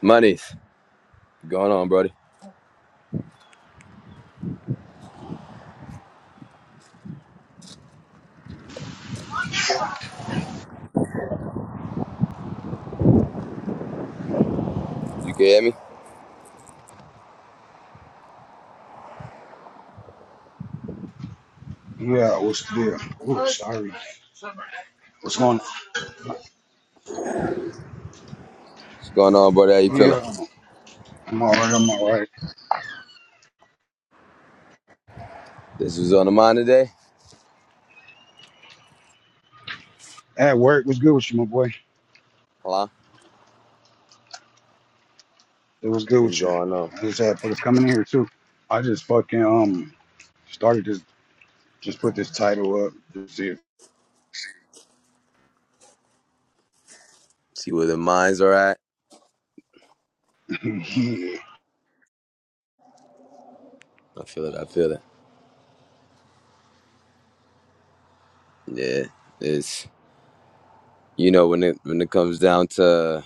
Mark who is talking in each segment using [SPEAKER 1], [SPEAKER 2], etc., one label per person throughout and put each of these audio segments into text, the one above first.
[SPEAKER 1] Monies, what's going on, brody? You can hear me?
[SPEAKER 2] Yeah, what's good? Oh, sorry. What's going
[SPEAKER 1] What's going on, brother? How you
[SPEAKER 2] on?
[SPEAKER 1] feeling?
[SPEAKER 2] Yeah, I'm all right. I'm all right.
[SPEAKER 1] This was on the mind today?
[SPEAKER 2] At work, what's good with you, my boy?
[SPEAKER 1] Hello?
[SPEAKER 2] It was good
[SPEAKER 1] What's
[SPEAKER 2] with you.
[SPEAKER 1] going on?
[SPEAKER 2] I just had fuckers coming in here too. I just fucking um started this. Just put this title up. That's it.
[SPEAKER 1] See where the minds are at?
[SPEAKER 2] yeah.
[SPEAKER 1] I feel it, I feel it. Yeah, it's, you know, when it when it comes down to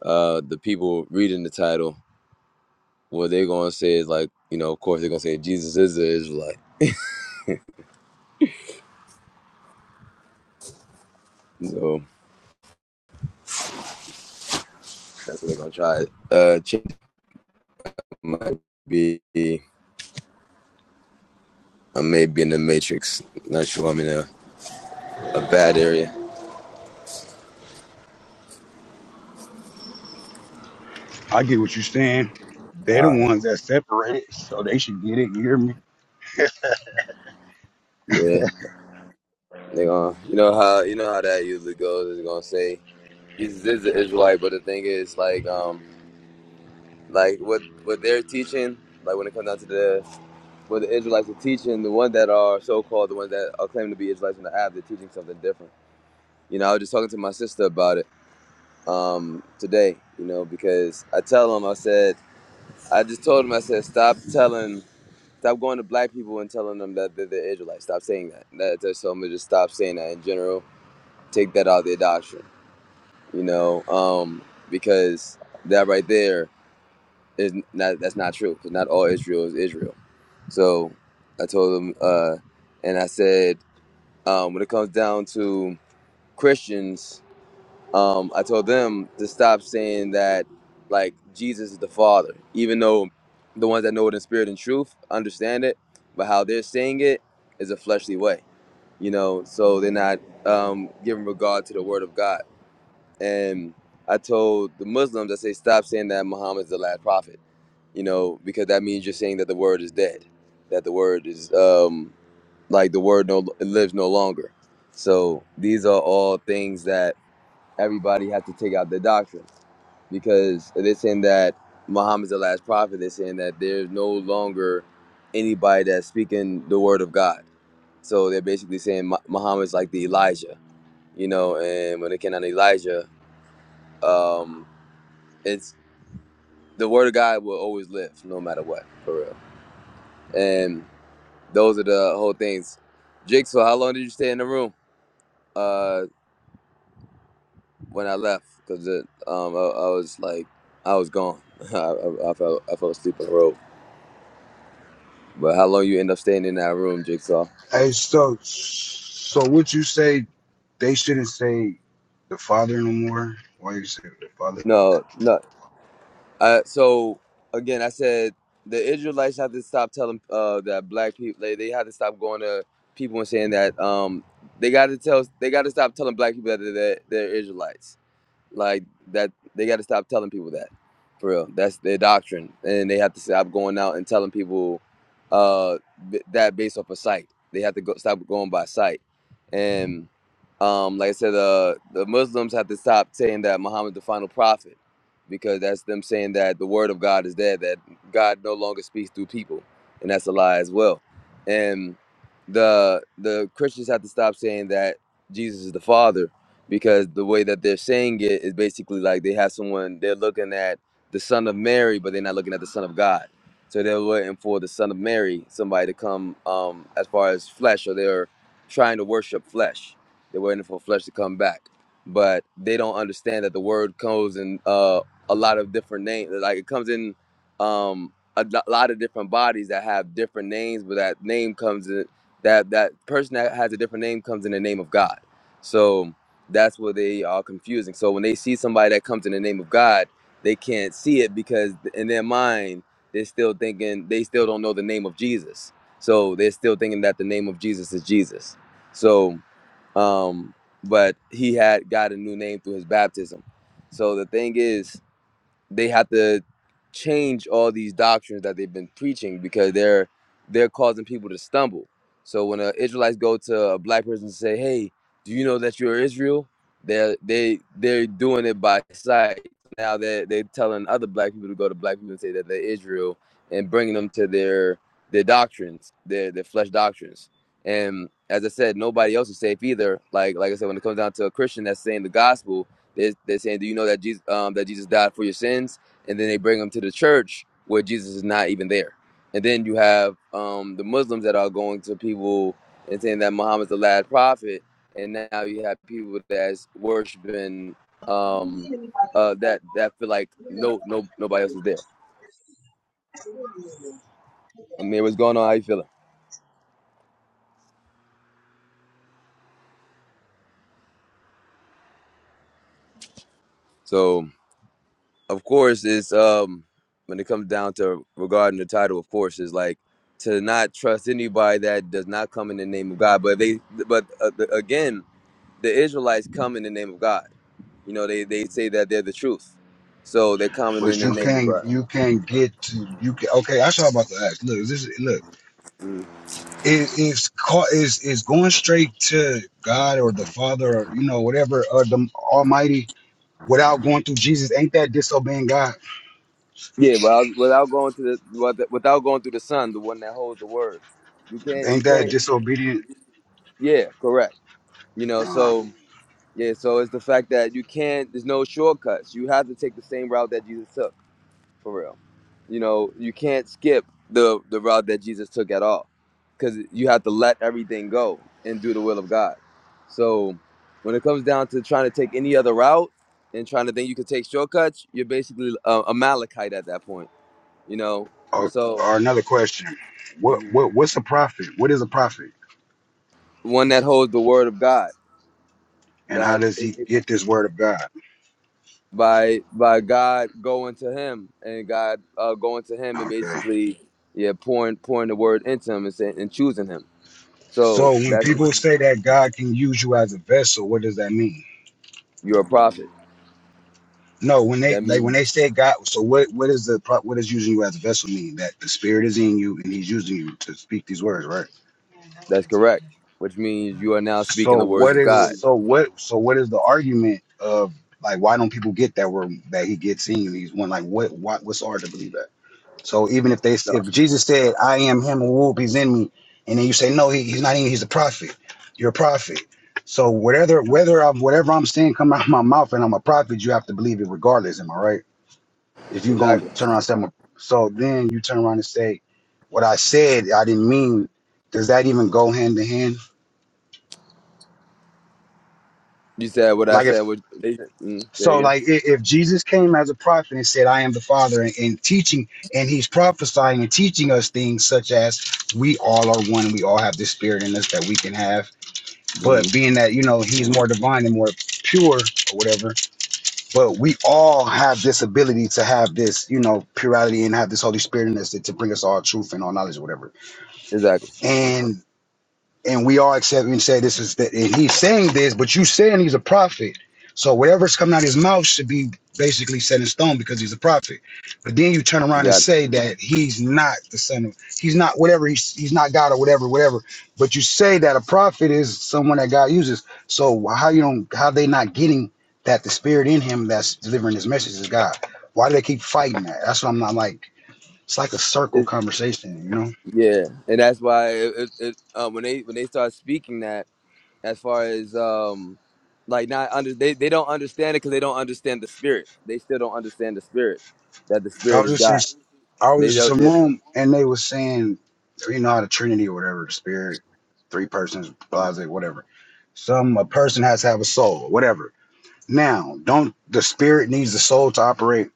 [SPEAKER 1] uh the people reading the title, what they're going to say is like, you know, of course they're going to say Jesus is the Israelite. So that's what they're going to try. Uh, change might be, I may be in the matrix. Not sure I'm in a, a bad area.
[SPEAKER 2] I get what you're saying. They're the
[SPEAKER 1] Uh,
[SPEAKER 2] ones that separated, so they should get it. You hear me?
[SPEAKER 1] yeah. They gonna, you know how you know how that usually goes. It's gonna say Jesus is the Israelite, but the thing is, like, um, like what what they're teaching, like when it comes down to the what the Israelites are teaching, the ones that are so called, the ones that are claiming to be Israelites in the app, they're teaching something different. You know, I was just talking to my sister about it um, today. You know, because I tell them, I said, I just told them, I said, stop telling. Stop going to black people and telling them that they're, they're Israelites. Stop saying that. That that's something. Just stop saying that in general. Take that out of their doctrine you know, um, because that right there is not that's not true. Because not all Israel is Israel. So I told them, uh, and I said, um, when it comes down to Christians, um, I told them to stop saying that like Jesus is the Father, even though the ones that know it in spirit and truth understand it, but how they're saying it is a fleshly way, you know. So they're not um, giving regard to the Word of God and I told the Muslims, I say, stop saying that Muhammad is the last prophet, you know, because that means you're saying that the word is dead, that the word is um, like the word no it lives no longer. So these are all things that everybody has to take out their doctrine because they're saying that Muhammad's the last prophet. They're saying that there's no longer anybody that's speaking the word of God. So they're basically saying Mu- Muhammad's like the Elijah, you know, and when they came on Elijah, um, it's the word of God will always live no matter what, for real. And those are the whole things. Jigsaw, how long did you stay in the room uh, when I left? Because um, I, I was like, I was gone. I, I, I fell I fell asleep on the road. But how long you end up staying in that room, Jigsaw?
[SPEAKER 2] Hey, so so would you say they shouldn't say the father no more? Why you say the father?
[SPEAKER 1] No, no. Uh, so again, I said the Israelites have to stop telling uh, that black people they, they have to stop going to people and saying that um, they got to tell they got to stop telling black people that they're, they're Israelites Like that, they got to stop telling people that. For real, that's their doctrine, and they have to stop going out and telling people uh, that based off of sight. They have to go, stop going by sight, and um, like I said, uh, the Muslims have to stop saying that Muhammad's the final prophet, because that's them saying that the word of God is dead, that God no longer speaks through people, and that's a lie as well. And the the Christians have to stop saying that Jesus is the Father because the way that they're saying it is basically like they have someone they're looking at the son of Mary, but they're not looking at the son of God. So they're waiting for the son of Mary, somebody to come um, as far as flesh, or they're trying to worship flesh. They're waiting for flesh to come back, but they don't understand that the word comes in uh, a lot of different names. Like it comes in um, a lo- lot of different bodies that have different names, but that name comes in that that person that has a different name comes in the name of God. So that's what they are confusing. So when they see somebody that comes in the name of God, they can't see it because in their mind they're still thinking they still don't know the name of Jesus. So they're still thinking that the name of Jesus is Jesus. So um but he had got a new name through his baptism. So the thing is they have to change all these doctrines that they've been preaching because they're they're causing people to stumble. So when uh, Israelites go to a black person and say, "Hey, do you know that you're Israel?" They're they they're doing it by sight. Now they they're telling other black people to go to black people and say that they're Israel and bringing them to their their doctrines, their their flesh doctrines. And as I said, nobody else is safe either. Like like I said, when it comes down to a Christian that's saying the gospel, they're, they're saying, "Do you know that Jesus um, that Jesus died for your sins?" And then they bring them to the church where Jesus is not even there. And then you have um, the Muslims that are going to people and saying that Muhammad's the last prophet. And now you have people that's worshiping
[SPEAKER 3] You
[SPEAKER 1] um,
[SPEAKER 3] see anybody
[SPEAKER 1] uh,
[SPEAKER 3] that's
[SPEAKER 1] that
[SPEAKER 3] like,
[SPEAKER 1] that feel like
[SPEAKER 3] you know,
[SPEAKER 1] no
[SPEAKER 3] I
[SPEAKER 1] no
[SPEAKER 3] can
[SPEAKER 1] nobody else
[SPEAKER 3] do it.
[SPEAKER 1] is there.
[SPEAKER 3] I really do.
[SPEAKER 1] I mean, what's going on? How you feeling? So. of course is um when it comes down to regarding the title of course is like to not trust anybody that does not come in the name of god but they but uh, the, again the israelites come in the name of god you know they they say that they're the truth so they're coming in
[SPEAKER 2] but
[SPEAKER 1] the
[SPEAKER 2] you
[SPEAKER 1] name of
[SPEAKER 2] can't
[SPEAKER 1] god
[SPEAKER 2] you can't get to you can okay i'm about to ask look this is- look
[SPEAKER 1] Mhm.
[SPEAKER 2] it, it's called is is going straight to god or the father or you know whatever or the almighty without going through jesus ain't that disobeying god
[SPEAKER 1] yeah without, without going to the with- without going through the son the one that holds the word you can't you
[SPEAKER 2] ain't that
[SPEAKER 1] can't
[SPEAKER 2] disobedient
[SPEAKER 1] yeah correct you know
[SPEAKER 2] uh,
[SPEAKER 1] so yeah so it's the fact that you can't there's no shortcuts you have to take the same route that jesus took for real. You know, you can't skip the the route that Jesus took at all, because you have to let everything go and do the will of God. So, when it comes down to trying to take any other route and trying to think you could take shortcuts, you're basically a, a Malachite at that point. You know,
[SPEAKER 2] or,
[SPEAKER 1] so
[SPEAKER 2] or another question what
[SPEAKER 1] Mhm.
[SPEAKER 2] what what's a prophet what is a prophet
[SPEAKER 1] one that holds the word of God
[SPEAKER 2] and how
[SPEAKER 1] that
[SPEAKER 2] does
[SPEAKER 1] is
[SPEAKER 2] he
[SPEAKER 1] given
[SPEAKER 2] get this word of god
[SPEAKER 1] by by God going to him and God uh, going to him and
[SPEAKER 2] okay
[SPEAKER 1] basically yeah pouring pouring the word into him and, say, and choosing him. So
[SPEAKER 2] so when
[SPEAKER 1] that's
[SPEAKER 2] people
[SPEAKER 1] when
[SPEAKER 2] say that god can use you as a vessel what does that mean
[SPEAKER 1] you're a prophet.
[SPEAKER 2] No, when they
[SPEAKER 1] That
[SPEAKER 2] like when
[SPEAKER 1] means
[SPEAKER 2] they say God, so what? What is the pro- what does using you as a vessel mean? That the Spirit is in you and He's using you to speak these words, right?
[SPEAKER 1] that's correct, which means you are now speaking
[SPEAKER 2] So
[SPEAKER 1] the words
[SPEAKER 2] what
[SPEAKER 1] of
[SPEAKER 2] is
[SPEAKER 1] God.
[SPEAKER 2] so what so what is the argument of like why don't people get that word that He gets in you? He's one like what what what's hard to believe that? So even if they if Jesus said I am Him and whoop He's in me, and then you say no he, He's not in you He's a prophet, you're a prophet. So whatever whether I'm whatever I'm saying come out of my mouth and I'm a prophet, you have to believe it regardless. Am I right? if you're going to
[SPEAKER 1] Exactly.
[SPEAKER 2] turn around and say, I'm a- so then you turn around and say, what I said, I didn't mean, does that even go hand to hand?
[SPEAKER 1] You said what I
[SPEAKER 2] Like if,
[SPEAKER 1] said. What they said. Mm, say
[SPEAKER 2] so
[SPEAKER 1] again?
[SPEAKER 2] like i- if Jesus came as a prophet and said, I am the father and, and teaching, and he's prophesying and teaching us things such as we all are one, we all have this spirit in us that we can have.
[SPEAKER 1] hmm
[SPEAKER 2] But being that, you know, he's more divine and more pure or whatever, but we all have this ability to have this, you know, purity and have this Holy Spirit in us to, to bring us all truth and all knowledge or whatever.
[SPEAKER 1] Exactly.
[SPEAKER 2] And and we all accept and say this is that he's saying this, but you saying he's a prophet. So whatever's coming out of his mouth should be basically set in stone because he's a prophet. But then you turn
[SPEAKER 1] You
[SPEAKER 2] around and
[SPEAKER 1] got
[SPEAKER 2] say that he's not the son of he's not whatever he's he's not God or whatever, whatever. But you say that a prophet is someone that God uses. So how you don't how they not getting that the spirit in him that's delivering his message is God? Why do they keep fighting that? That's what I'm not like. It's like a
[SPEAKER 1] it.
[SPEAKER 2] circle
[SPEAKER 1] it.
[SPEAKER 2] conversation, you know?
[SPEAKER 1] Yeah, and that's why it, it, it, um, when they when they start speaking that, as far as um, like not under they, they don't understand it because they don't understand the spirit. They still don't understand the spirit that the
[SPEAKER 2] I
[SPEAKER 1] spirit is
[SPEAKER 2] was just in,
[SPEAKER 1] God.
[SPEAKER 2] I
[SPEAKER 1] They
[SPEAKER 2] was just
[SPEAKER 1] don't.
[SPEAKER 2] in some
[SPEAKER 1] They,
[SPEAKER 2] room, and they was saying, you know, how the Trinity or whatever, the Spirit, three persons,
[SPEAKER 1] mm-hmm.
[SPEAKER 2] blase, whatever. Some a person has to have a soul, whatever. Now, don't the Spirit needs the soul to operate?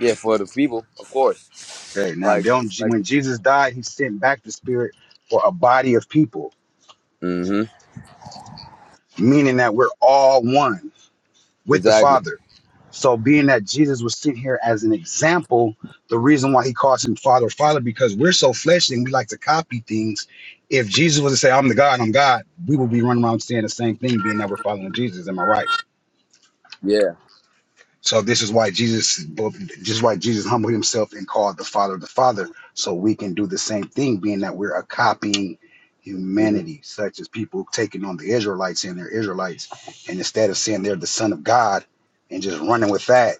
[SPEAKER 1] yeah, for the people, of course.
[SPEAKER 2] Okay, now
[SPEAKER 1] Like
[SPEAKER 2] don't
[SPEAKER 1] like.
[SPEAKER 2] when Jesus died, He sent back the Spirit for a body of people,
[SPEAKER 1] hmm
[SPEAKER 2] meaning that we're all one. with the
[SPEAKER 1] Exactly.
[SPEAKER 2] Father. So, being that Jesus was sent here as an example, the reason why he calls him Father, Father, because we're so fleshly and we like to copy things. If Jesus was to say, I'm the God, I'm God, we would be running around saying the same thing, being that we're following Jesus. Am I right?
[SPEAKER 1] Yeah.
[SPEAKER 2] So this is why Jesus, this is why Jesus humbled himself and called the Father the Father, so we can do the same thing, being that we're a copying
[SPEAKER 1] Because
[SPEAKER 2] humanity, such as people taking on the Israelites and they're Israelites, and instead of saying they're the Son of God and just running with that,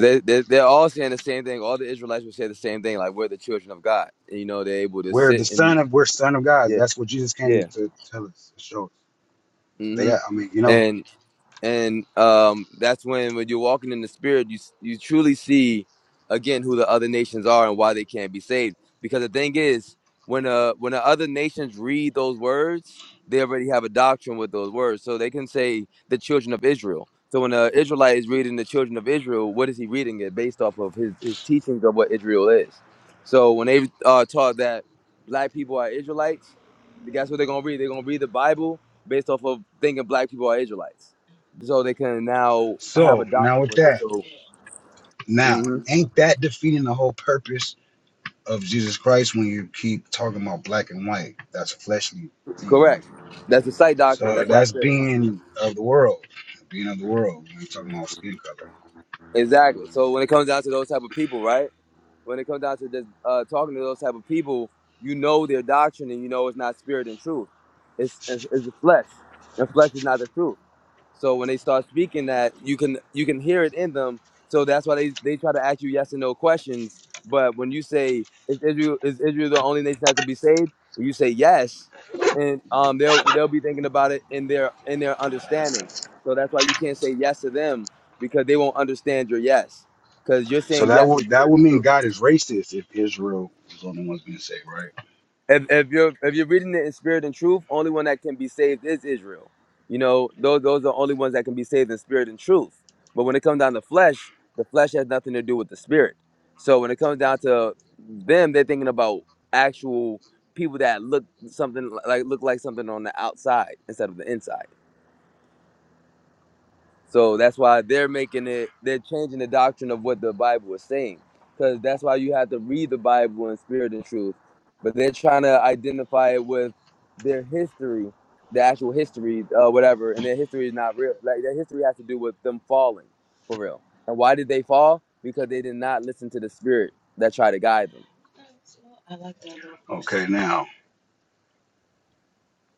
[SPEAKER 1] they, they, they're all saying the same thing. All the Israelites would say the same thing, like, we're the children of God. you know, they're able to
[SPEAKER 2] We're the
[SPEAKER 1] sit and,
[SPEAKER 2] son of we're son of God.
[SPEAKER 1] yeah,
[SPEAKER 2] That's what Jesus came
[SPEAKER 1] yeah.
[SPEAKER 2] to tell us, to show us. They
[SPEAKER 1] hmm
[SPEAKER 2] got, I mean, you know.
[SPEAKER 1] And, and um, that's when when you're walking in the spirit you you truly see again who the other nations are and why they can't be saved because the thing is when uh when the other nations read those words they already have a doctrine with those words so they can say the children of israel so when an israelite is reading the children of israel what is he reading it based off of his, his teachings of what israel is so when they uh, taught that black people are israelites guess what they're gonna read they're gonna read the bible based off of thinking black people are israelites so they can now have a
[SPEAKER 2] So now
[SPEAKER 1] doctrine
[SPEAKER 2] with
[SPEAKER 1] with it.
[SPEAKER 2] that,
[SPEAKER 1] So,
[SPEAKER 2] now
[SPEAKER 1] hmm
[SPEAKER 2] ain't that defeating the whole purpose of Jesus Christ when you keep talking about black and white? That's a fleshly thing, right?
[SPEAKER 1] correct. That's the site doctrine.
[SPEAKER 2] So
[SPEAKER 1] That's what I
[SPEAKER 2] that's
[SPEAKER 1] said.
[SPEAKER 2] being of the world, being of the world. When you're talking about skin color,
[SPEAKER 1] Exactly. So when it comes down to those type of people, right? When it comes down to just uh, talking to those type of people, you know their doctrine and you know it's not spirit and truth. It's it's, it's the flesh, and flesh is not the truth. So when they start speaking that, you can you can hear it in them. So that's why they, they try to ask you yes and no questions. But when you say is Israel is Israel the only nation that could be saved, you say yes, and um they'll they'll be thinking about it in their in their understanding. So that's why you can't say yes to them because they won't understand your yes because you're
[SPEAKER 2] so
[SPEAKER 1] saying
[SPEAKER 2] that
[SPEAKER 1] yes in
[SPEAKER 2] would that
[SPEAKER 1] spirit
[SPEAKER 2] would
[SPEAKER 1] and truth.
[SPEAKER 2] mean God is racist if Israel is the only ones being saved, right?
[SPEAKER 1] if, if you're if you're reading it in spirit and truth, only one that can be saved is Israel. You know, those those are the only ones that can be saved in spirit and truth. But when it comes down to flesh, the flesh has nothing to do with the spirit. So when it comes down to them, they're thinking about actual people that look something like look like something on the outside instead of the inside. So that's why they're making it, they're changing the doctrine of what the Bible is saying. Because that's why you have to read the Bible in spirit and truth. But they're trying to identify it with their history, the actual history, uh, whatever. And their history is not real. Like their history has to do with them falling for real. And why did they fall? Because they did not listen to the spirit that tried to guide them.
[SPEAKER 2] And now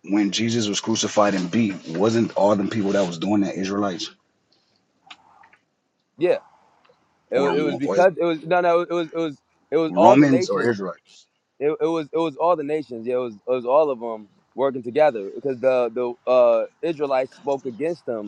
[SPEAKER 2] when Jesus was crucified and beat, wasn't all them people that was doing that Israelites?
[SPEAKER 1] Yeah. It, wa-
[SPEAKER 2] or,
[SPEAKER 1] it was
[SPEAKER 2] or
[SPEAKER 1] because it was, no, no, it was, it was, it was all the
[SPEAKER 2] Romans
[SPEAKER 1] nations
[SPEAKER 2] or Israelites.
[SPEAKER 1] it, it was it was all the nations. Yeah, it was it was all of them working together because the the uh, Israelites spoke against them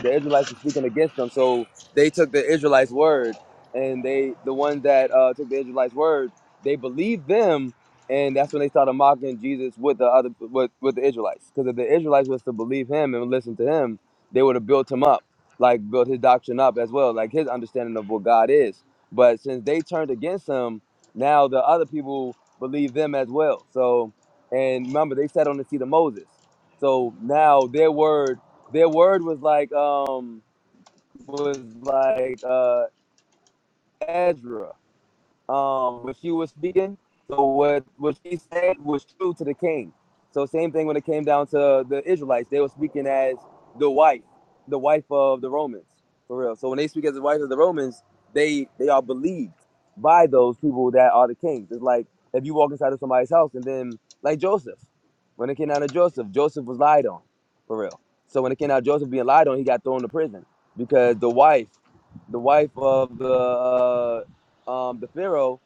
[SPEAKER 1] the Israelites were speaking against them. So they took the Israelites' word, and they the ones that uh, took the Israelites' word, they believed them, and that's when they started mocking Jesus with the other with, with the Israelites. Because if the Israelites was to believe him and listen to him, they would have built him up, like built his doctrine up as well, like his understanding of what God is. But since they turned against him, now the other people believe them as well. So, and remember, they sat on the seat of Moses. So now their word their word was like um was like uh Ezra um when she was speaking. So what what she said was true to the king. So same thing when it came down to the Israelites, they were speaking as the wife, the wife of the Romans, for real. So when they speak as the wife of the Romans, they they are believed by those people that are the kings. It's like if you walk inside of somebody's house and then like Joseph, when it came down to Joseph, Joseph was lied on, for real. So when it came out Joseph being lied on, he got thrown to prison because the wife the wife of the uh, um, the Pharaoh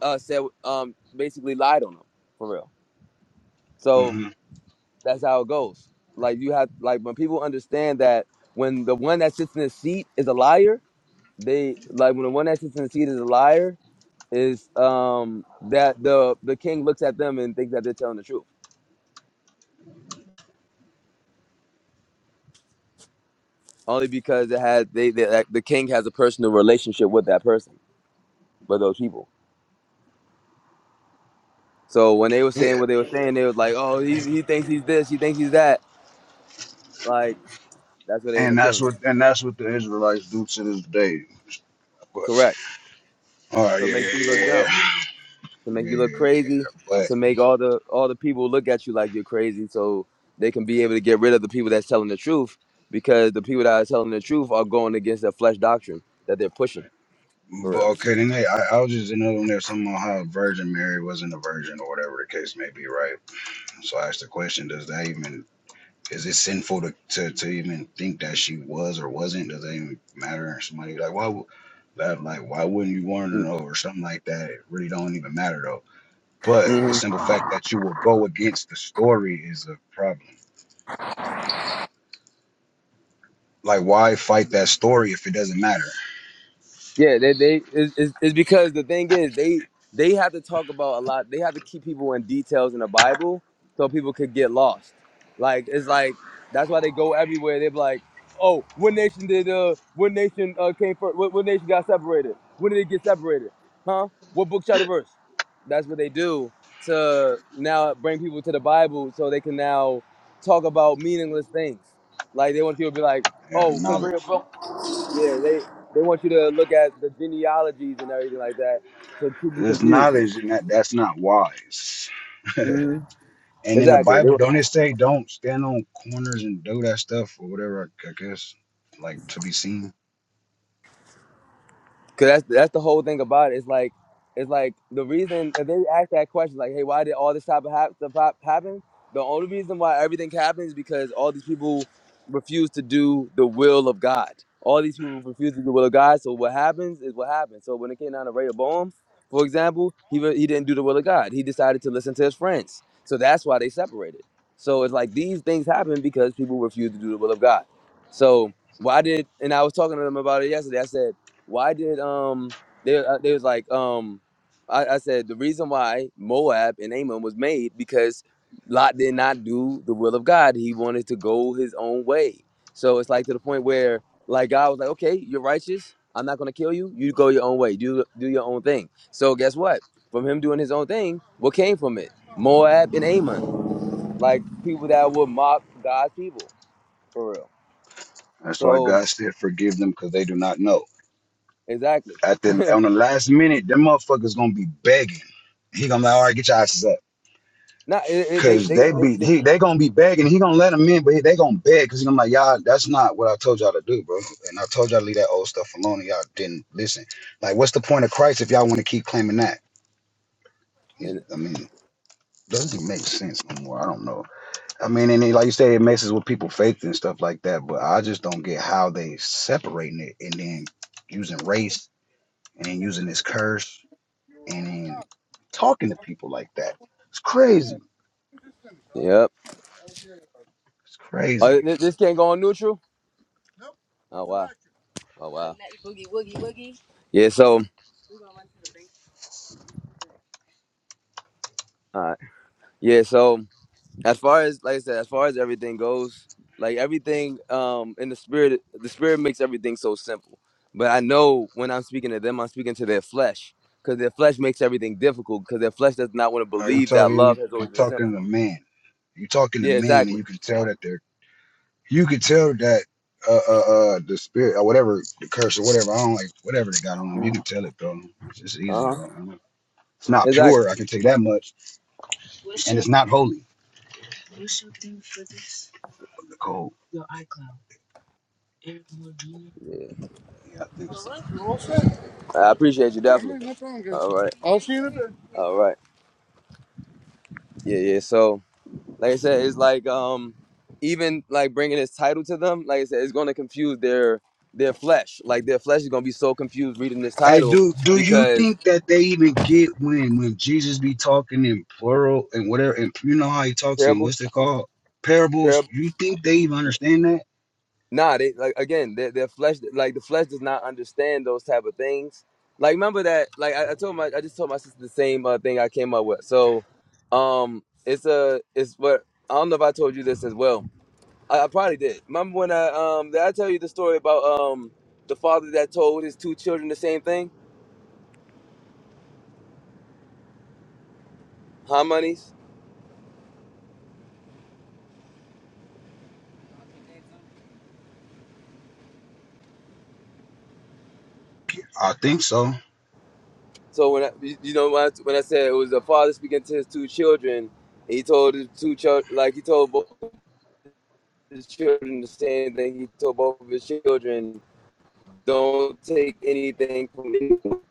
[SPEAKER 1] uh, said um, basically lied on them for real. So
[SPEAKER 2] hmm
[SPEAKER 1] that's how it goes. Like you have like when people understand that when the one that sits in the seat is a liar, they like when the one that sits in the seat is a liar is um that the the king looks at them and thinks that they're telling the truth only because it has they, they like, the king has a personal relationship with that person with those people. So when they were
[SPEAKER 2] Yeah,
[SPEAKER 1] saying what they were saying, they was like, oh, he he thinks he's this, he thinks he's that. Like that's where they end
[SPEAKER 2] and
[SPEAKER 1] up
[SPEAKER 2] that's
[SPEAKER 1] killing him.
[SPEAKER 2] what and that's what the Israelites do to this day. But
[SPEAKER 1] Correct.
[SPEAKER 2] all right,
[SPEAKER 1] to
[SPEAKER 2] yeah,
[SPEAKER 1] make
[SPEAKER 2] yeah,
[SPEAKER 1] you look
[SPEAKER 2] yeah, yeah,
[SPEAKER 1] dumb, to make
[SPEAKER 2] yeah.
[SPEAKER 1] you
[SPEAKER 2] yeah,
[SPEAKER 1] look
[SPEAKER 2] yeah.
[SPEAKER 1] crazy,
[SPEAKER 2] But
[SPEAKER 1] to make all the all the people look at you like you're crazy, so they can be able to get rid of the people that's telling the truth, because the people that are telling the truth are going against their flesh doctrine that they're pushing for
[SPEAKER 2] but
[SPEAKER 1] real.
[SPEAKER 2] okay, then hey, I, I was just in on there something about how Virgin Mary wasn't a virgin or whatever the case may be, right? So I asked the question: Does that even is it sinful to, to, to even think that she was or wasn't? Does that even matter? And Somebody like why would that like why wouldn't you want to
[SPEAKER 1] Mm.
[SPEAKER 2] know or something like that? It really don't even matter But the
[SPEAKER 1] Mhm.
[SPEAKER 2] simple fact that you will go against the story is a problem. Like, why fight that story if it doesn't matter?
[SPEAKER 1] Yeah, they they it's, it's it's because the thing is they they have to talk about a lot. They have to keep people in details in the Bible so people could get lost. Like it's like that's why they go everywhere. They're like, oh, what nation did uh what nation uh came first? What, what nation got separated? When did it get separated? Huh? What book chapter verse? That's what they do to now bring people to the Bible so they can now talk about meaningless things. Like they want people to be like,
[SPEAKER 2] Yeah,
[SPEAKER 1] oh, because
[SPEAKER 2] knowledge.
[SPEAKER 1] yeah, they they want you to look at the genealogies and everything like that to keep you
[SPEAKER 2] There's
[SPEAKER 1] confused.
[SPEAKER 2] knowledge, and that that's not wise.
[SPEAKER 1] hmm
[SPEAKER 2] and in the
[SPEAKER 1] Exactly. They
[SPEAKER 2] Bible, don't it say don't stand on corners and do that stuff or whatever? I, I guess, like to be seen.
[SPEAKER 1] Cause that's that's the whole thing about it. It's like it's like the reason if they ask that question, like, hey, why did all this type of hap- stuff hap- happen? The only reason why everything happens is because all these people refuse to do the will of God. All these people refuse to do the will of God. So what happens is what happens. So when it came down to Rehoboam, for example, he re- he didn't do the will of God. He decided to listen to his friends. So that's why they separated. So it's like these things happen because people refuse to do the will of God. So why did and I was talking to them about it yesterday. I said why did um they uh, they was like um I, I said the reason why Moab and Ammon was made because Lot did not do the will of God. He wanted to go his own way. So it's like to the point where like God was like, okay, you're righteous. I'm not gonna kill you. You go your own way. Do do your own thing. So guess what? From him doing his own thing, what came from it? Moab and Ammon, like people that would mock God's people for real.
[SPEAKER 2] That's why
[SPEAKER 1] So
[SPEAKER 2] God said, "Forgive them, because they do not know."
[SPEAKER 1] exactly.
[SPEAKER 2] At the on the last minute, them motherfuckers gonna be begging. He gonna be like, "All right, get your asses up."
[SPEAKER 1] Not it, it, they,
[SPEAKER 2] Cause
[SPEAKER 1] they,
[SPEAKER 2] they be
[SPEAKER 1] they,
[SPEAKER 2] he they gonna be begging. He gonna let them in, but he, they gonna beg. Cause I'm like, y'all, that's not what I told y'all to do, bro. And I told y'all to leave that old stuff alone, and y'all didn't listen. Like, what's the point of Christ if y'all want to keep claiming that? He's-
[SPEAKER 1] they.
[SPEAKER 2] I mean, doesn't make sense no more. I don't know. I mean, and it, like you say, it messes with people's faith and stuff like that. But I just don't get how they separating it and then using race and then using this curse and then talking to people like that. It's crazy.
[SPEAKER 1] Yep.
[SPEAKER 2] It's crazy.
[SPEAKER 1] Oh, thi- this can't go on neutral. Oh wow. Oh wow. Yeah. So, all right. Yeah. So, as far as like I said, as far as everything goes, like everything, um, in the spirit, the spirit makes everything so simple. But I know when I'm speaking to them, I'm speaking to their flesh, because their flesh makes everything difficult, because their flesh does not want to
[SPEAKER 2] Uh, you
[SPEAKER 1] believe
[SPEAKER 2] talk,
[SPEAKER 1] that
[SPEAKER 2] you
[SPEAKER 1] love has
[SPEAKER 2] you
[SPEAKER 1] always been
[SPEAKER 2] talking
[SPEAKER 1] simple.
[SPEAKER 2] to men. You talking to
[SPEAKER 1] Yeah.
[SPEAKER 2] men, and
[SPEAKER 1] Exactly.
[SPEAKER 2] you can tell that they're. You can tell that uh uh, uh the spirit or whatever the curse or whatever I don't like whatever they got on them.
[SPEAKER 1] Uh
[SPEAKER 2] You can tell it though. It's just easy
[SPEAKER 1] huh.
[SPEAKER 2] though. I mean, it's not
[SPEAKER 1] Exactly.
[SPEAKER 2] pure. I can take that much. It's not holy. The cold. Yeah, I think so.
[SPEAKER 1] You're all set. I appreciate you Yeah, definitely. Yeah, no problem, Gary. All Jason. right. I'll see you today. All right. Yeah, yeah. So, like I said, it's like um, even like bringing this title to them, like I said, it's gonna confuse their their flesh. Like their flesh is gonna be so confused reading this
[SPEAKER 2] Hey,
[SPEAKER 1] title
[SPEAKER 2] do do you
[SPEAKER 1] because
[SPEAKER 2] think that they even get when when Jesus be talking in plural and whatever and you know how he talks in
[SPEAKER 1] parable,
[SPEAKER 2] what's it called parables?
[SPEAKER 1] parable.
[SPEAKER 2] You think they even understand that?
[SPEAKER 1] Nah, they like again, their their flesh like the flesh does not understand those type of things. Like remember that like I, I told my I just told my sister the same uh, thing I came up with. So um it's a it's what I don't know if I told you this as well. I, I probably did. Remember when I um did I tell you the story about um the father that told his two children the same thing? Harmonies.
[SPEAKER 2] I think so.
[SPEAKER 1] So when I, you you know when I, when I said it was a father speaking to his two children, he told his two children like he told both his children the same thing he told both of his children Don't take anything from anyone.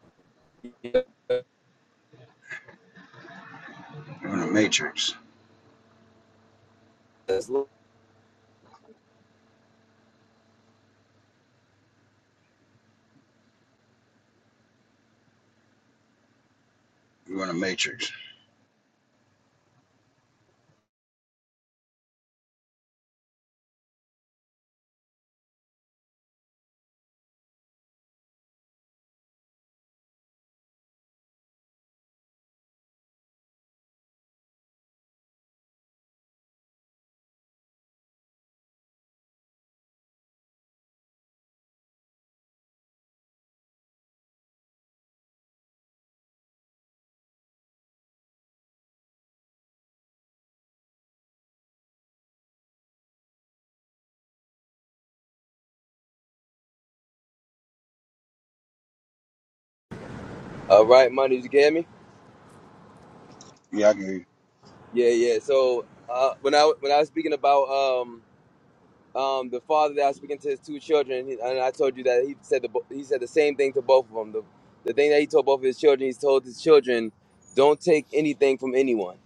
[SPEAKER 1] Yes,
[SPEAKER 2] You're in a matrix.
[SPEAKER 1] Lord.
[SPEAKER 2] You're in a matrix.
[SPEAKER 1] All right, my you get me?
[SPEAKER 2] Yeah, I can hear you.
[SPEAKER 1] Yeah, yeah. So uh, when I when I was speaking about um um the father that I was speaking to his two children, he- and I told you that he said the bo- he said the same thing to both of them. The, the thing that he told both of his children, he told his children, don't take anything from anyone.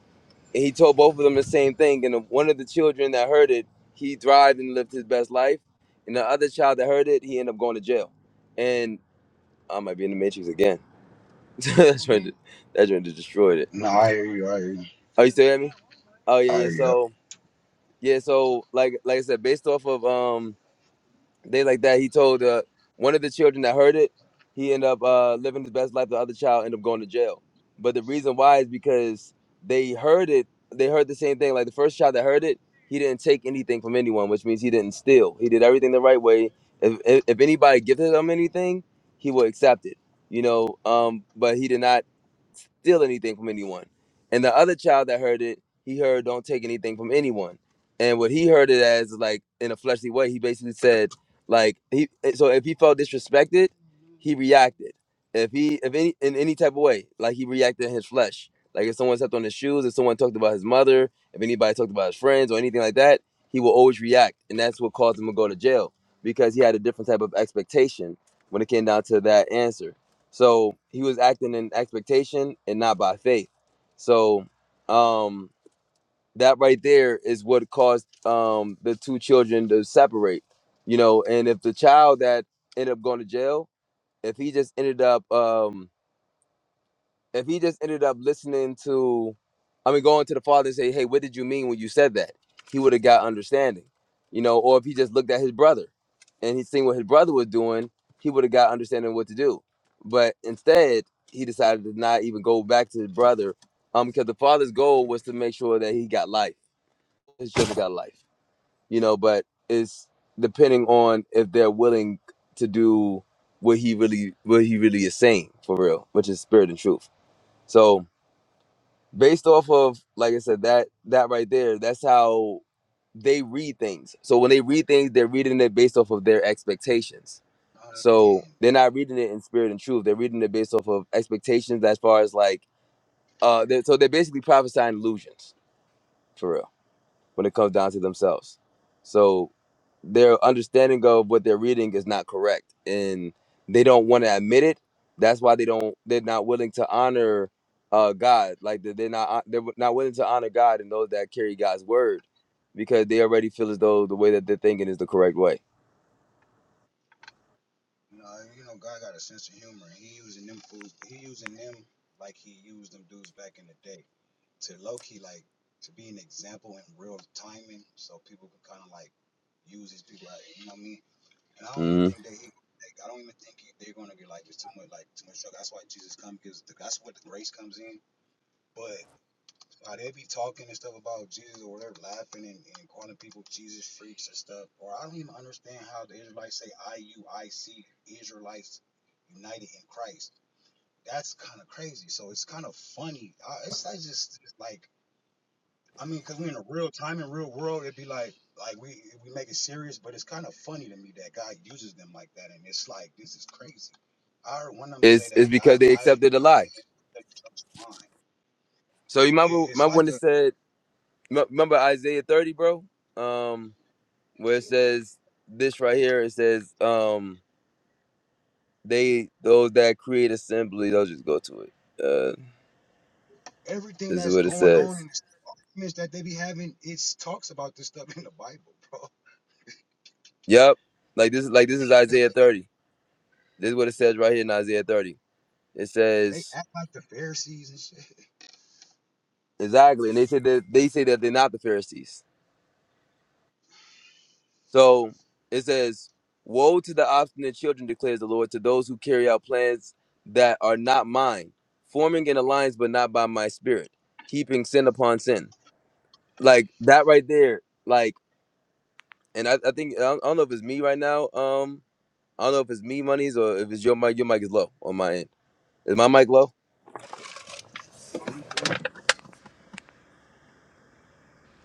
[SPEAKER 1] And he told both of them the same thing. And the, one of the children that heard it, he thrived and lived his best life. And the other child that heard it, he ended up going to jail. And I might be in the matrix again. that joint, that joint just destroyed it.
[SPEAKER 2] No, I hear you. I hear you.
[SPEAKER 1] Oh, you still at me? Oh yeah,
[SPEAKER 2] I
[SPEAKER 1] yeah.
[SPEAKER 2] hear you. Yep.
[SPEAKER 1] So yeah, so like like I said, based off of um they like that, he told uh one of the children that heard it, he ended up uh living his best life. The other child ended up going to jail. But the reason why is because they heard it. They heard the same thing. Like the first child that heard it, he didn't take anything from anyone, which means he didn't steal. He did everything the right way. If if, if anybody gifted him anything, he would accept it. You know, um, but he did not steal anything from anyone. And the other child that heard it, he heard don't take anything from anyone. And what he heard it as like in a fleshly way, he basically said like he so if he felt disrespected, he reacted. If he if any in any type of way, like he reacted in his flesh. Like if someone stepped on his shoes, if someone talked about his mother, if anybody talked about his friends or anything like that, he will always react. And that's what caused him to go to jail because he had a different type of expectation when it came down to that answer. So he was acting in expectation and not by faith. So um that right there is what caused um the two children to separate. You know, and if the child that ended up going to jail, if he just ended up um if he just ended up listening to, I mean, going to the father and say, "Hey, what did you mean when you said that?" He would have got understanding, you know. Or if he just looked at his brother and he seen what his brother was doing, he would have got understanding what to do. But instead, he decided to not even go back to his brother, um, because the father's goal was to make sure that he got life, his children got life, you know. But it's depending on if they're willing to do what he really what he really is saying for real, which is spirit and truth. So based off of like i said that that right there that's how they read things so when they read things they're reading it based off of their expectations
[SPEAKER 2] Uh,
[SPEAKER 1] so they're not reading it in spirit and truth they're reading it based off of expectations as far as like uh they're, so they're basically prophesying illusions for real when it comes down to themselves. So their understanding of what they're reading is not correct and they don't want to admit it. That's why they don't they're not willing to honor uh God. Like they- they're not uh, they're not willing to honor God and those that carry God's word because they already feel as though the way that they're thinking is the correct way.
[SPEAKER 2] no, you know, God got a sense of humor. He using them fools. He using them like he used them dudes back in the day to low key like to be an example in real timing, so people can kind of like use these people. Out, you know what I mean? And I don't even
[SPEAKER 1] Mm-hmm.
[SPEAKER 2] think that he. Like, I don't even think he, they're gonna be like it's too much like too much trouble. That's why Jesus comes because the, that's what the grace comes in. But. How they be talking and stuff about Jesus or they're laughing and, and calling people Jesus freaks and stuff. Or I don't even understand how the Israelites say IUIC, Israelites United in Christ. That's kind of crazy. So it's kind of funny. I, it's, I just it's like I mean, cause we we're in a real time and real world, it'd be like like we we make it serious, but it's kind of funny to me that God uses them like that, and it's like this is crazy. I heard one of them say
[SPEAKER 1] It's it's
[SPEAKER 2] that God
[SPEAKER 1] because they
[SPEAKER 2] eyes
[SPEAKER 1] accepted a
[SPEAKER 2] were greater
[SPEAKER 1] lie.
[SPEAKER 2] than the judge's mind.
[SPEAKER 1] So you
[SPEAKER 2] It,
[SPEAKER 1] remember
[SPEAKER 2] it's
[SPEAKER 1] remember when
[SPEAKER 2] like
[SPEAKER 1] it
[SPEAKER 2] a
[SPEAKER 1] said m- remember Isaiah 30, bro? Um where it says this right here, it says um they those that create assembly, they'll just go to it. Uh,
[SPEAKER 2] everything
[SPEAKER 1] this is
[SPEAKER 2] that's
[SPEAKER 1] what it
[SPEAKER 2] going on in
[SPEAKER 1] says.
[SPEAKER 2] this. arguments that they be having, it's talks about this stuff in the Bible, bro.
[SPEAKER 1] Yep. Like this is like this is Isaiah 30. This is what it says right here in Isaiah 30. It
[SPEAKER 2] They
[SPEAKER 1] says
[SPEAKER 2] act like the Pharisees and shit.
[SPEAKER 1] exactly, and they say that they say that they're not the Pharisees. So it says, "Woe to the obstinate children," declares the Lord, to those who carry out plans that are not mine, forming an alliance but not by my spirit, heaping sin upon sin. Like that right there. Like, and I, I think I don't I don't know if it's me right now. Um, I don't know if it's me monies or if it's your mic. Your mic is low on my end. Is my mic low?
[SPEAKER 2] Are you good?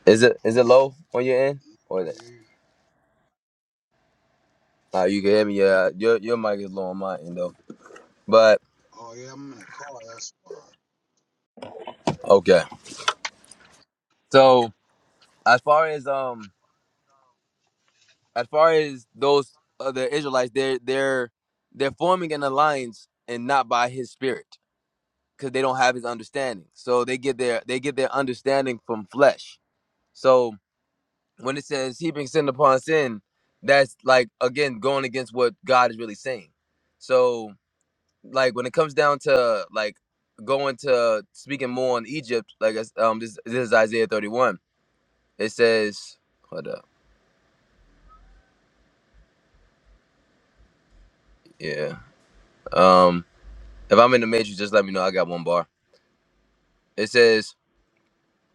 [SPEAKER 1] Is it is it low on your end? Or
[SPEAKER 2] I
[SPEAKER 1] is
[SPEAKER 2] hear
[SPEAKER 1] it?
[SPEAKER 2] you.
[SPEAKER 1] Uh, you can hear me. Yeah, your your mic is low on my end though. But
[SPEAKER 2] Oh yeah, I'm in a car. That's why.
[SPEAKER 1] okay. So as far as um as far as those other Israelites, they're they're they're forming an alliance and not by His Spirit because they don't have His understanding. So they get their they get their understanding from flesh. So when it says heaping sin upon sin, that's like again going against what God is really saying. So like when it comes down to like going to speaking more on Egypt, like as- um this this is Isaiah thirty one. It says hold up, yeah. Um, if I'm in the matrix, just let me know. I got one bar. It says.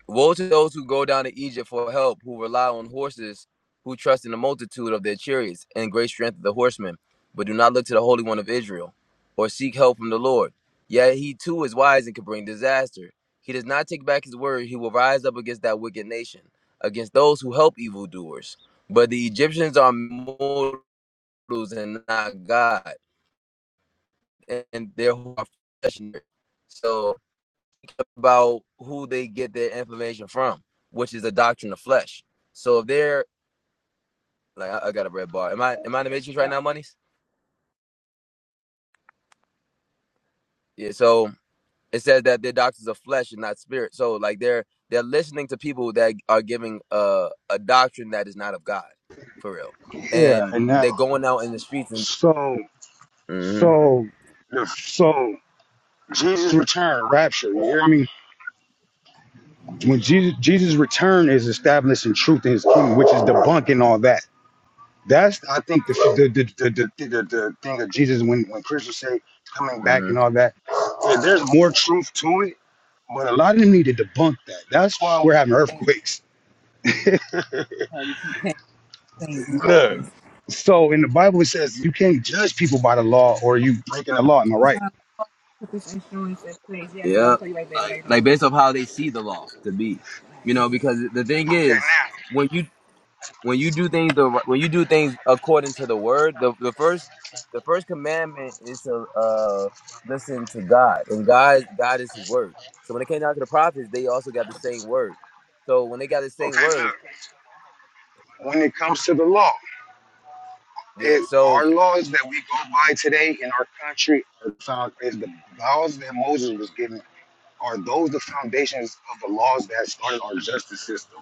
[SPEAKER 1] Woe to those who go down to Egypt for help, who rely on horses, who trust in the multitude of their chariots and great strength of the horsemen, but do not look to the Holy One of Israel, or seek help from the Lord. Yet he too is wise and can bring disaster. He does not take back his word. He will rise up against that wicked nation, against those who help evildoers. But the Egyptians are mortals and not God, and their are flesh. So about who they get their information from, which is the doctrine of flesh. So if they're like, I, I got a red bar. Am I am I in the matrix right now, monies? Yeah. So it says that their doctrines of flesh and not spirit. So like they're they're listening to people that are giving uh, a doctrine that is not of God, for real.
[SPEAKER 2] Yeah,
[SPEAKER 1] And
[SPEAKER 2] and that
[SPEAKER 1] they're going out in the streets and.
[SPEAKER 2] so
[SPEAKER 1] Mm-hmm,
[SPEAKER 2] so the so Jesus' return, rapture. You hear me? When Jesus Jesus' return is establishing truth in His kingdom, which is debunking all that. That's I think the the the the, the, the, the thing of Jesus when when Christians say coming back
[SPEAKER 1] mm-hmm.
[SPEAKER 2] and all that. There's more truth to it But a lot of them need to debunk that. That's why we're having earthquakes. Look. So in the Bible it says you can't judge people by the law or you breaking the law. Am I right?
[SPEAKER 1] Put Yeah. Like, like right. based off how they see the law to be, you know, because the thing
[SPEAKER 2] Okay,
[SPEAKER 1] is,
[SPEAKER 2] now,
[SPEAKER 1] when you when you do things the when you do things according to the word, the, the first the first commandment is to uh, listen to God, and God God is His word. So when it came down to the prophets, they also got the same word. So when they got the same
[SPEAKER 2] okay,
[SPEAKER 1] word,
[SPEAKER 2] look. When it comes to the law,
[SPEAKER 1] yeah.
[SPEAKER 2] it,
[SPEAKER 1] So
[SPEAKER 2] our laws that we go by today in our country are found is the laws that Moses was given are those the foundations of the laws that started our justice system.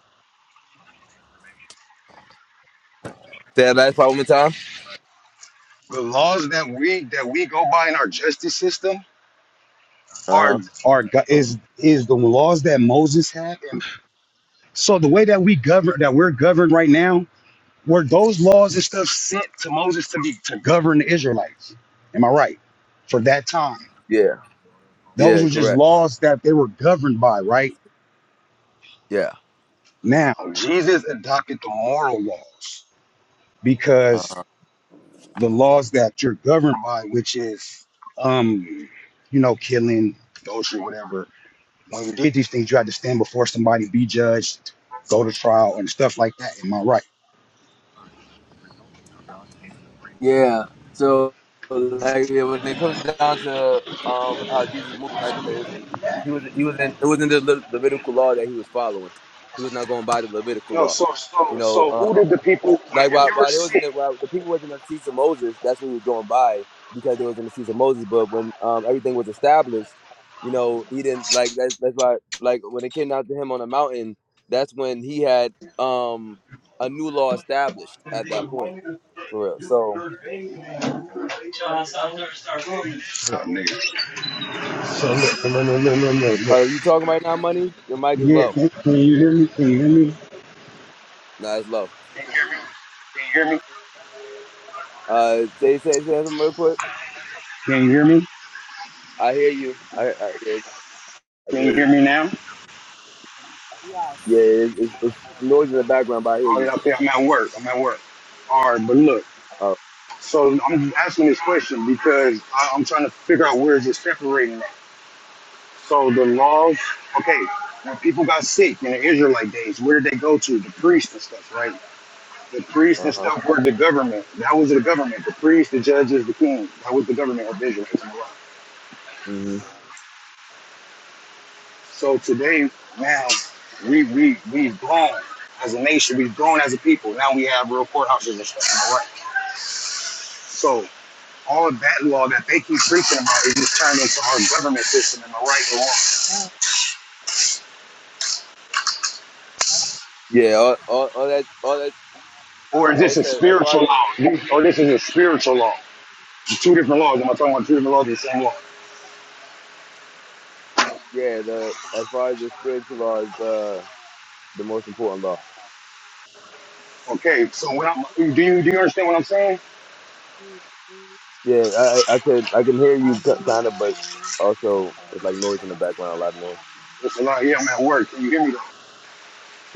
[SPEAKER 1] say that last part one more time.
[SPEAKER 2] The laws that we that we go by in our justice system
[SPEAKER 1] Uh
[SPEAKER 2] are
[SPEAKER 1] huh.
[SPEAKER 2] are go- is is the laws that Moses had and. So the way that we govern, that we're governed right now, were those laws and stuff sent to Moses to be to govern the Israelites? Am I right? For that time,
[SPEAKER 1] Yeah.
[SPEAKER 2] those
[SPEAKER 1] Yeah.
[SPEAKER 2] were just
[SPEAKER 1] Correct.
[SPEAKER 2] laws that they were governed by. Right
[SPEAKER 1] Yeah.
[SPEAKER 2] now, Jesus adopted the moral laws
[SPEAKER 1] Uh huh.
[SPEAKER 2] because the laws that you're governed by, which is, um, you know, killing, adultery, whatever. When we did these things, you had to stand before somebody, be judged, go to trial, and stuff like that. Am I right?
[SPEAKER 1] Yeah. So like yeah, when it comes down to um how Jesus moved like this, he was he was in it wasn't the Le- Levitical law that he was following. He was not going by the Levitical
[SPEAKER 2] No.
[SPEAKER 1] law. You know,
[SPEAKER 2] So who did
[SPEAKER 1] um
[SPEAKER 2] the people?
[SPEAKER 1] like
[SPEAKER 2] If
[SPEAKER 1] while
[SPEAKER 2] you were
[SPEAKER 1] while they was in
[SPEAKER 2] sick,
[SPEAKER 1] the while the people was in the seats of Moses, that's what he was going by because they was in the seats of Moses. But when um everything was established, you know, he didn't like that's that's why like when it came down to him on the mountain, that's when he had um a new law established at that point. For real. So
[SPEAKER 2] nigga, So look, no, no, no, no, no, no.
[SPEAKER 1] Uh, Are you talking right now, money? Your mic is
[SPEAKER 2] Yeah,
[SPEAKER 1] low.
[SPEAKER 2] can, can you hear me? Can you hear me?
[SPEAKER 1] Nah, it's low.
[SPEAKER 2] can you hear me? Can you hear me?
[SPEAKER 1] Uh, say say say something real quick.
[SPEAKER 2] Can you hear me?
[SPEAKER 1] I hear you. I I hear you. I
[SPEAKER 2] Can you
[SPEAKER 1] hear you.
[SPEAKER 2] hear me now?
[SPEAKER 1] Yeah, it's, it's, it's noise in the background, but I hear
[SPEAKER 2] Oh yeah,
[SPEAKER 1] you.
[SPEAKER 2] okay. I'm at work. I'm at work. All right, but look.
[SPEAKER 1] Oh,
[SPEAKER 2] So I'm asking this question because I, I'm trying to figure out where is it separating. At. So the laws. Okay, when people got sick in the Israelite days, where did they go to? The priest and stuff, right? The priests
[SPEAKER 1] uh
[SPEAKER 2] and
[SPEAKER 1] huh.
[SPEAKER 2] stuff were the government. That was the government. The priests, the judges, the king. That was the government of Israel. is my
[SPEAKER 1] hmm
[SPEAKER 2] So today, now we we we've grown as a nation. We've grown as a people. Now we have real courthouses and stuff. right? So all of that law that they keep preaching about is just turned into our government system. Am I right or wrong?
[SPEAKER 1] Yeah, all, all all that all that.
[SPEAKER 2] Or is
[SPEAKER 1] Like
[SPEAKER 2] this
[SPEAKER 1] I
[SPEAKER 2] a
[SPEAKER 1] said, as far as
[SPEAKER 2] spiritual law? This- Or this is a spiritual law? two different laws. Am I talking about two different laws? or The same law.
[SPEAKER 1] yeah, the as far as the spiritual law is uh the most important law.
[SPEAKER 2] Okay. So when I'm, do you do you understand what I'm saying?
[SPEAKER 1] Yeah, I I I could I can hear you kind of, but also it's like noise in the background, a lot of noise.
[SPEAKER 2] It's a lot. Yeah, I'm at work. Can you hear me though?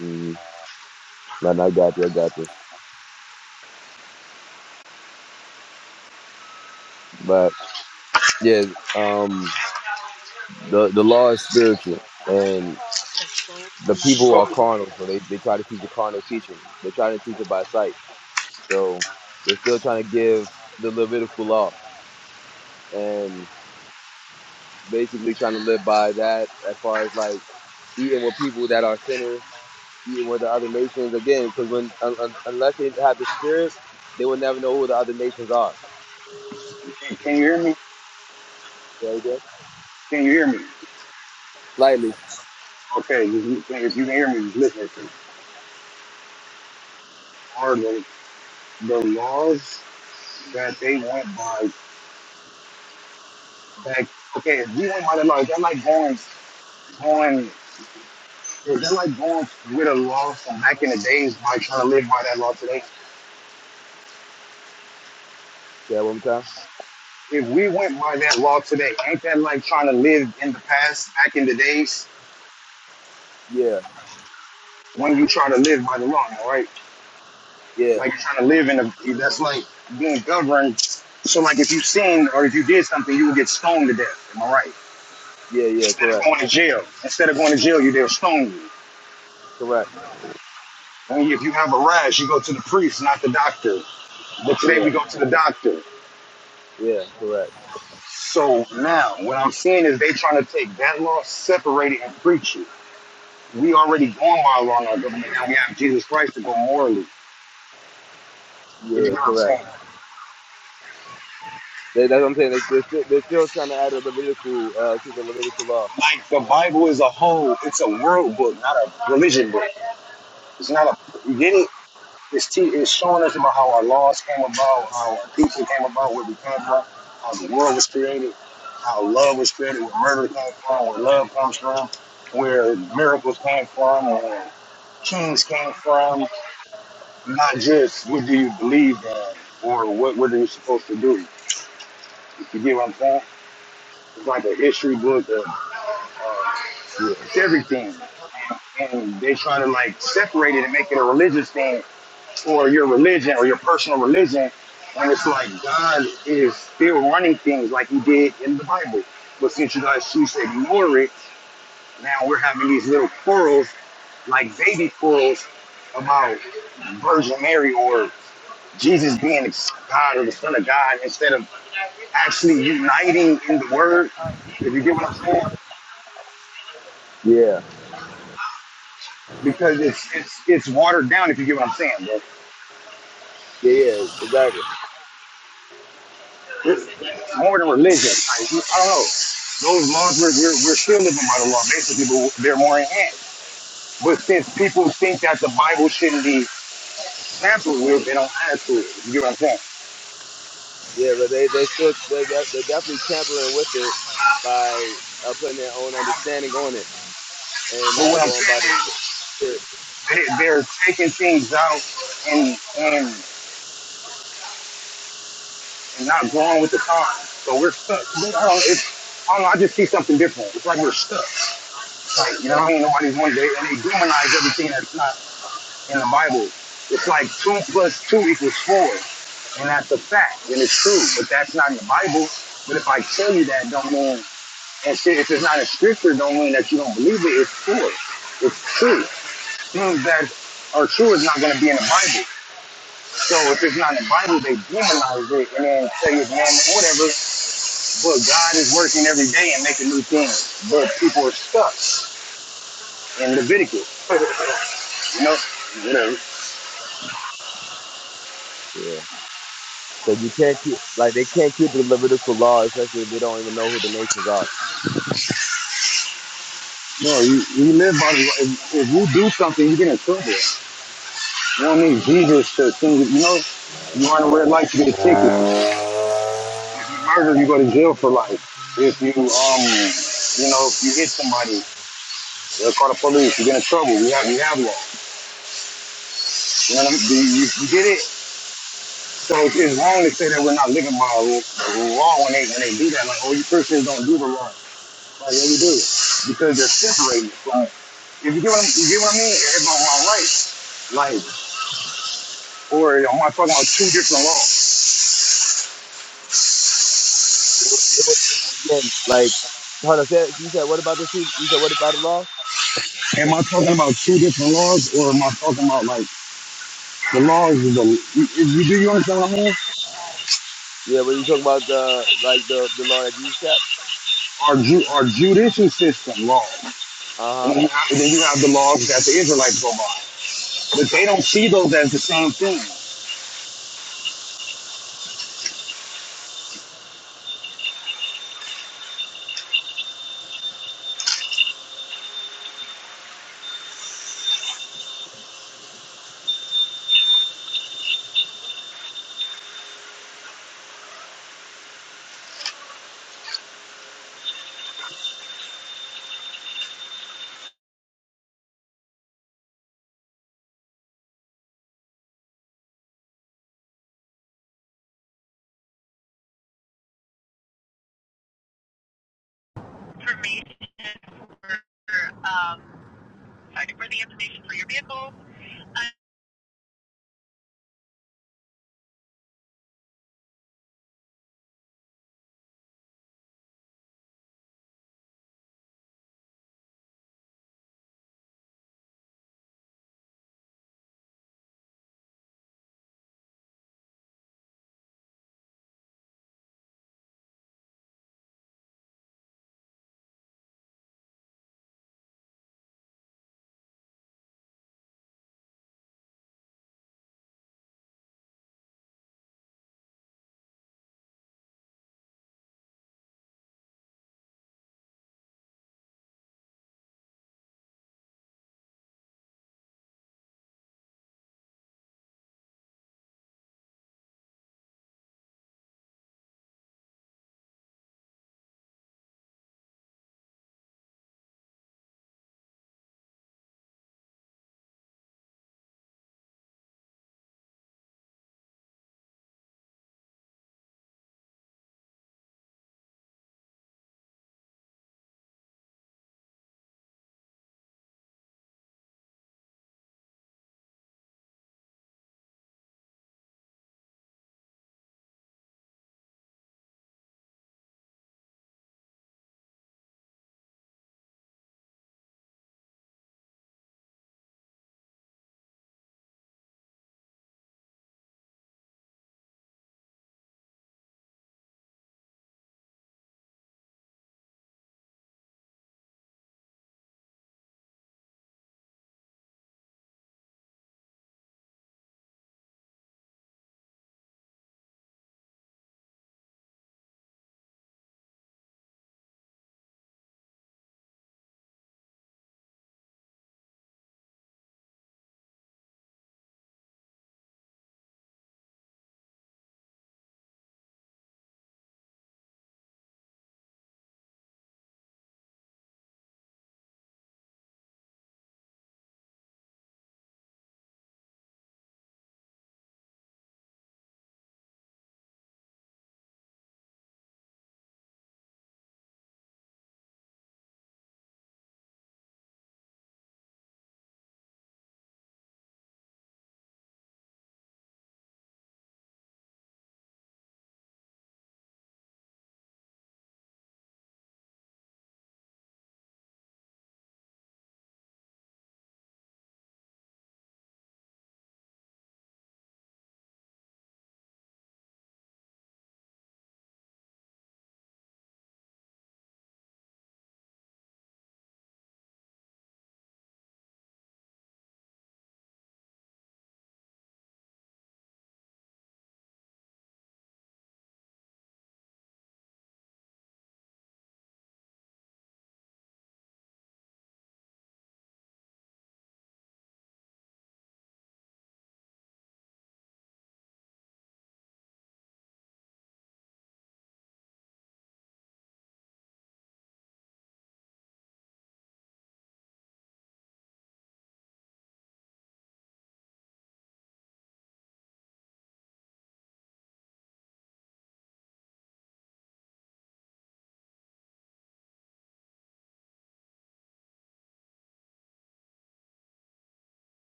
[SPEAKER 1] Mm-hmm. No, no, I got you. I got you. But yeah, um. The the law is spiritual, and the people
[SPEAKER 2] So.
[SPEAKER 1] are carnal, so they, they try to teach a carnal teaching. They try to teach it by sight, so they're still trying to give the Levitical law and basically trying to live by that as far as like eating with people that are sinners, eating with the other nations again. Because when un, un, unless they have the spirit, they will never know who the other nations are.
[SPEAKER 2] Can, can you hear me?
[SPEAKER 1] Yeah, yeah.
[SPEAKER 2] Can you hear me?
[SPEAKER 1] Slightly.
[SPEAKER 2] Okay, you- you- if you can hear me, just listen to me. Are the, the laws that they went by back? Okay, if we went by the laws, that like going, going, is that like going with a law from back in the days by trying to live by that law today?
[SPEAKER 1] Yeah, one more time.
[SPEAKER 2] If we went by that law today, ain't that like trying to live in the past, back in the days
[SPEAKER 1] Yeah,
[SPEAKER 2] when you try to live by the law, all right?
[SPEAKER 1] yeah,
[SPEAKER 2] Like you're trying to live in a, that's like being governed. So like if you sin or if you did something, you would get stoned to death. Am I right?
[SPEAKER 1] yeah, yeah.
[SPEAKER 2] Instead of
[SPEAKER 1] Correct,
[SPEAKER 2] going to jail, instead of going to jail, you they'll stone you.
[SPEAKER 1] correct.
[SPEAKER 2] When you- if you have a rash, you go to the priest, not the doctor. But today
[SPEAKER 1] Yeah,
[SPEAKER 2] we go to the doctor.
[SPEAKER 1] yeah, correct.
[SPEAKER 2] So now, what I'm seeing is they trying to take that law, separate it, and preach it. We already going by law in our government. Now we have Jesus Christ to go morally. You know
[SPEAKER 1] Yeah,
[SPEAKER 2] what I'm
[SPEAKER 1] correct.
[SPEAKER 2] saying?
[SPEAKER 1] That, that's what I'm saying. They, they're, still, they're still trying to add a Levitical, uh, to the Levitical law.
[SPEAKER 2] Like the Bible is a whole, it's a world book, not a religion book. It's not a. You get it? It's, te- it's showing us about how our laws came about, how our teaching came about, where we came from, how the world was created, how love was created, where murder came from, where love comes from, where miracles came from, where kings came from. Not just what do you believe in or what what are you supposed to do. If you get what I'm saying? It's like a history book of
[SPEAKER 1] Yeah.
[SPEAKER 2] everything, and they like separate it and make it a religion, or your religion. personal religion, and it's like God is still running things like He did in the Bible. But since you guys choose to ignore it, now we're having these little quarrels, like baby quarrels, about Virgin Mary or Jesus being God or the Son of God, instead of actually uniting in the Word. If you get what I'm saying,
[SPEAKER 1] Yeah.
[SPEAKER 2] because it's it's it's watered down. If you get what I'm saying, bro,
[SPEAKER 1] Yeah, yeah, exactly.
[SPEAKER 2] it's, more than religion. I, I don't know those laws we're, we're, we're still living by the law basically but they're more enhanced. But since people think that the Bible shouldn't be tampered with, they don't add to it. You get what I'm saying?
[SPEAKER 1] Yeah, but they, they still, they're, de- they're definitely tampering with it by uh, putting their own understanding on it and
[SPEAKER 2] But
[SPEAKER 1] not
[SPEAKER 2] what I'm
[SPEAKER 1] going by the
[SPEAKER 2] saying is
[SPEAKER 1] Spirit.
[SPEAKER 2] they, they're taking things out and, and and not going with the times. So we're stuck. I don't, it's, I don't know. I just see something different. It's like we're stuck. You know what I mean? Nobody's one day and they demonize everything that's not in the Bible. It's like two plus two equals four, and that's a fact, and it's true. But that's not in the Bible. But if I tell you that, don't mean And shit, if it's not in scripture, don't mean that you don't believe it. It's true. It's true. Things that are true is not going to be in the Bible. So if it's not in the Bible, they demonize it and then say it's man or whatever. But God is working every day and making new things. But people are stuck in Leviticus, you know. Whatever.
[SPEAKER 1] Yeah. Because you can't keep, like, they can't keep the Levitical law, especially if they don't even know who the nations are.
[SPEAKER 2] No, you, you live by the if, if you do something, you get in trouble. You don't need Jesus to send you. You know, you run a red light, you get a ticket. If You murder, you go to jail for life if you um you know if you hit somebody They'll call the police. You get in trouble. We have, we have law. You know what I mean? You, you get it? So it's, it's wrong to say that we're not living by a rule, a law when they, when they do that. Like, oh, you Christians don't do the law. Like, yeah, we do. Because they're separated. Like, if you get what, you get what I mean? It's on my right. Like, or am I talking about two different laws?
[SPEAKER 1] They would, they would think, again, like, hold on, say, you said, what about the, two- you said, what about the law?
[SPEAKER 2] Am I talking about two different laws, or am I talking about like the laws is a? You, you- do you understand what I mean?
[SPEAKER 1] Yeah, what are you talking about the like the the law that Jesus kept.
[SPEAKER 2] Our ju- our judicial system law,
[SPEAKER 1] Uh
[SPEAKER 2] and
[SPEAKER 1] huh.
[SPEAKER 2] then you have, then you have the laws that the Israelites go by. But they don't see those as the same thing.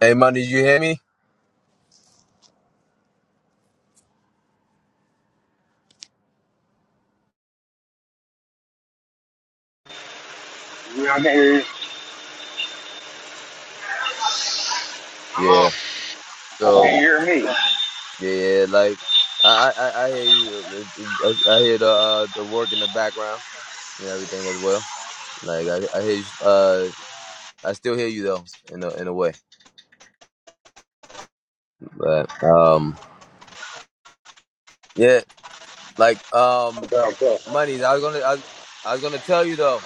[SPEAKER 1] Hey man, did you hear me?
[SPEAKER 2] You know, I can hear you.
[SPEAKER 1] Yeah.
[SPEAKER 2] Hello?
[SPEAKER 1] So
[SPEAKER 2] Can you hear me?
[SPEAKER 1] yeah, yeah, like I I, I I hear you. uh, uh, I, I hear the uh, the work in the background and everything as well. Like I, I hear you. Uh, I still hear you though in a in a way. But um, yeah, like um,
[SPEAKER 2] Okay, okay.
[SPEAKER 1] money. I was gonna I, I was gonna tell you though.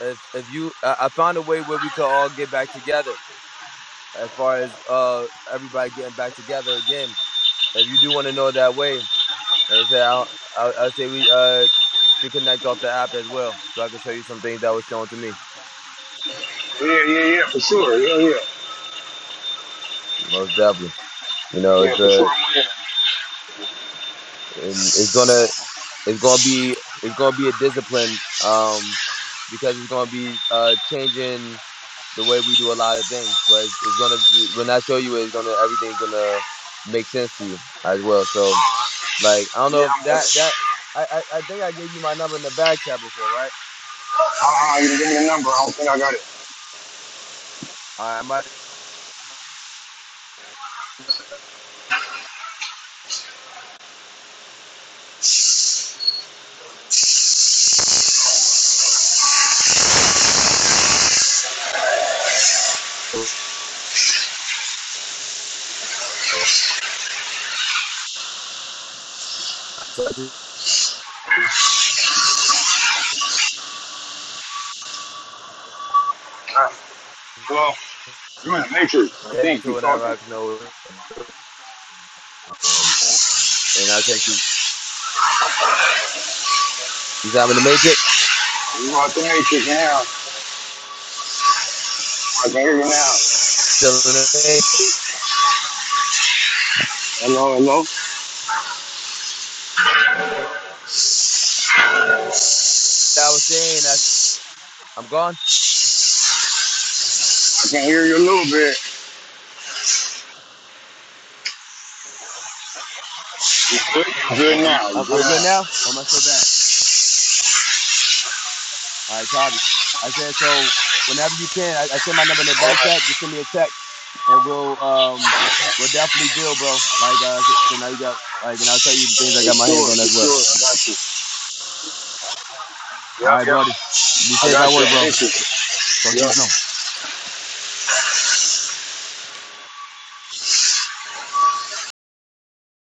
[SPEAKER 1] If if you, I, I found a way where we could all get back together. As far as uh everybody getting back together again If you do want to know it that way, like I say I'll, I'll, I'll say we uh should connect off the app as well, so I can show you some things that was shown to me.
[SPEAKER 2] Yeah, yeah, yeah, for sure. Yeah, yeah.
[SPEAKER 1] Most definitely, you know,
[SPEAKER 2] Yeah,
[SPEAKER 1] it's
[SPEAKER 2] for sure.
[SPEAKER 1] a
[SPEAKER 2] I'm here. it.
[SPEAKER 1] and it's gonna it's gonna be it's gonna be a discipline um because it's gonna be uh changing the way we do a lot of things but it's, it's gonna when i show you it, it's gonna everything's gonna make sense to you as well so like i don't know if that that i i, I think i gave you my number in the back chat before right
[SPEAKER 2] Uh-uh, you give me the number. I don't think I got it.
[SPEAKER 1] all right i might
[SPEAKER 2] Hello? You're in the Matrix. I
[SPEAKER 1] Take me
[SPEAKER 2] think
[SPEAKER 1] to
[SPEAKER 2] you're
[SPEAKER 1] whenever
[SPEAKER 2] talking.
[SPEAKER 1] I can know. Um, and I'll take you. You said I'm in the Matrix.
[SPEAKER 2] You're out the Matrix now. I can hear you now.
[SPEAKER 1] Still in the Matrix.
[SPEAKER 2] Hello, hello? I
[SPEAKER 1] I was saying that I'm gone.
[SPEAKER 2] can hear you a little bit. You're good, you're good
[SPEAKER 1] I'm I'm
[SPEAKER 2] now. You're
[SPEAKER 1] I'm
[SPEAKER 2] good
[SPEAKER 1] good
[SPEAKER 2] now.
[SPEAKER 1] now. Or am I still back? All right, copy. I said so. Whenever you can, I, I send my number in the back chat. Just send me a text, and we'll um we'll definitely build, bro. Like uh, so now you got like, and I'll tell you the things I
[SPEAKER 2] For
[SPEAKER 1] got my hands
[SPEAKER 2] sure,
[SPEAKER 1] on
[SPEAKER 2] for
[SPEAKER 1] as
[SPEAKER 2] sure.
[SPEAKER 1] well.
[SPEAKER 2] I got you.
[SPEAKER 1] All right, Brody. Be
[SPEAKER 2] I
[SPEAKER 1] safe at
[SPEAKER 2] got you. i
[SPEAKER 1] work,
[SPEAKER 2] miss
[SPEAKER 1] bro.
[SPEAKER 2] you.
[SPEAKER 1] Talk to you soon.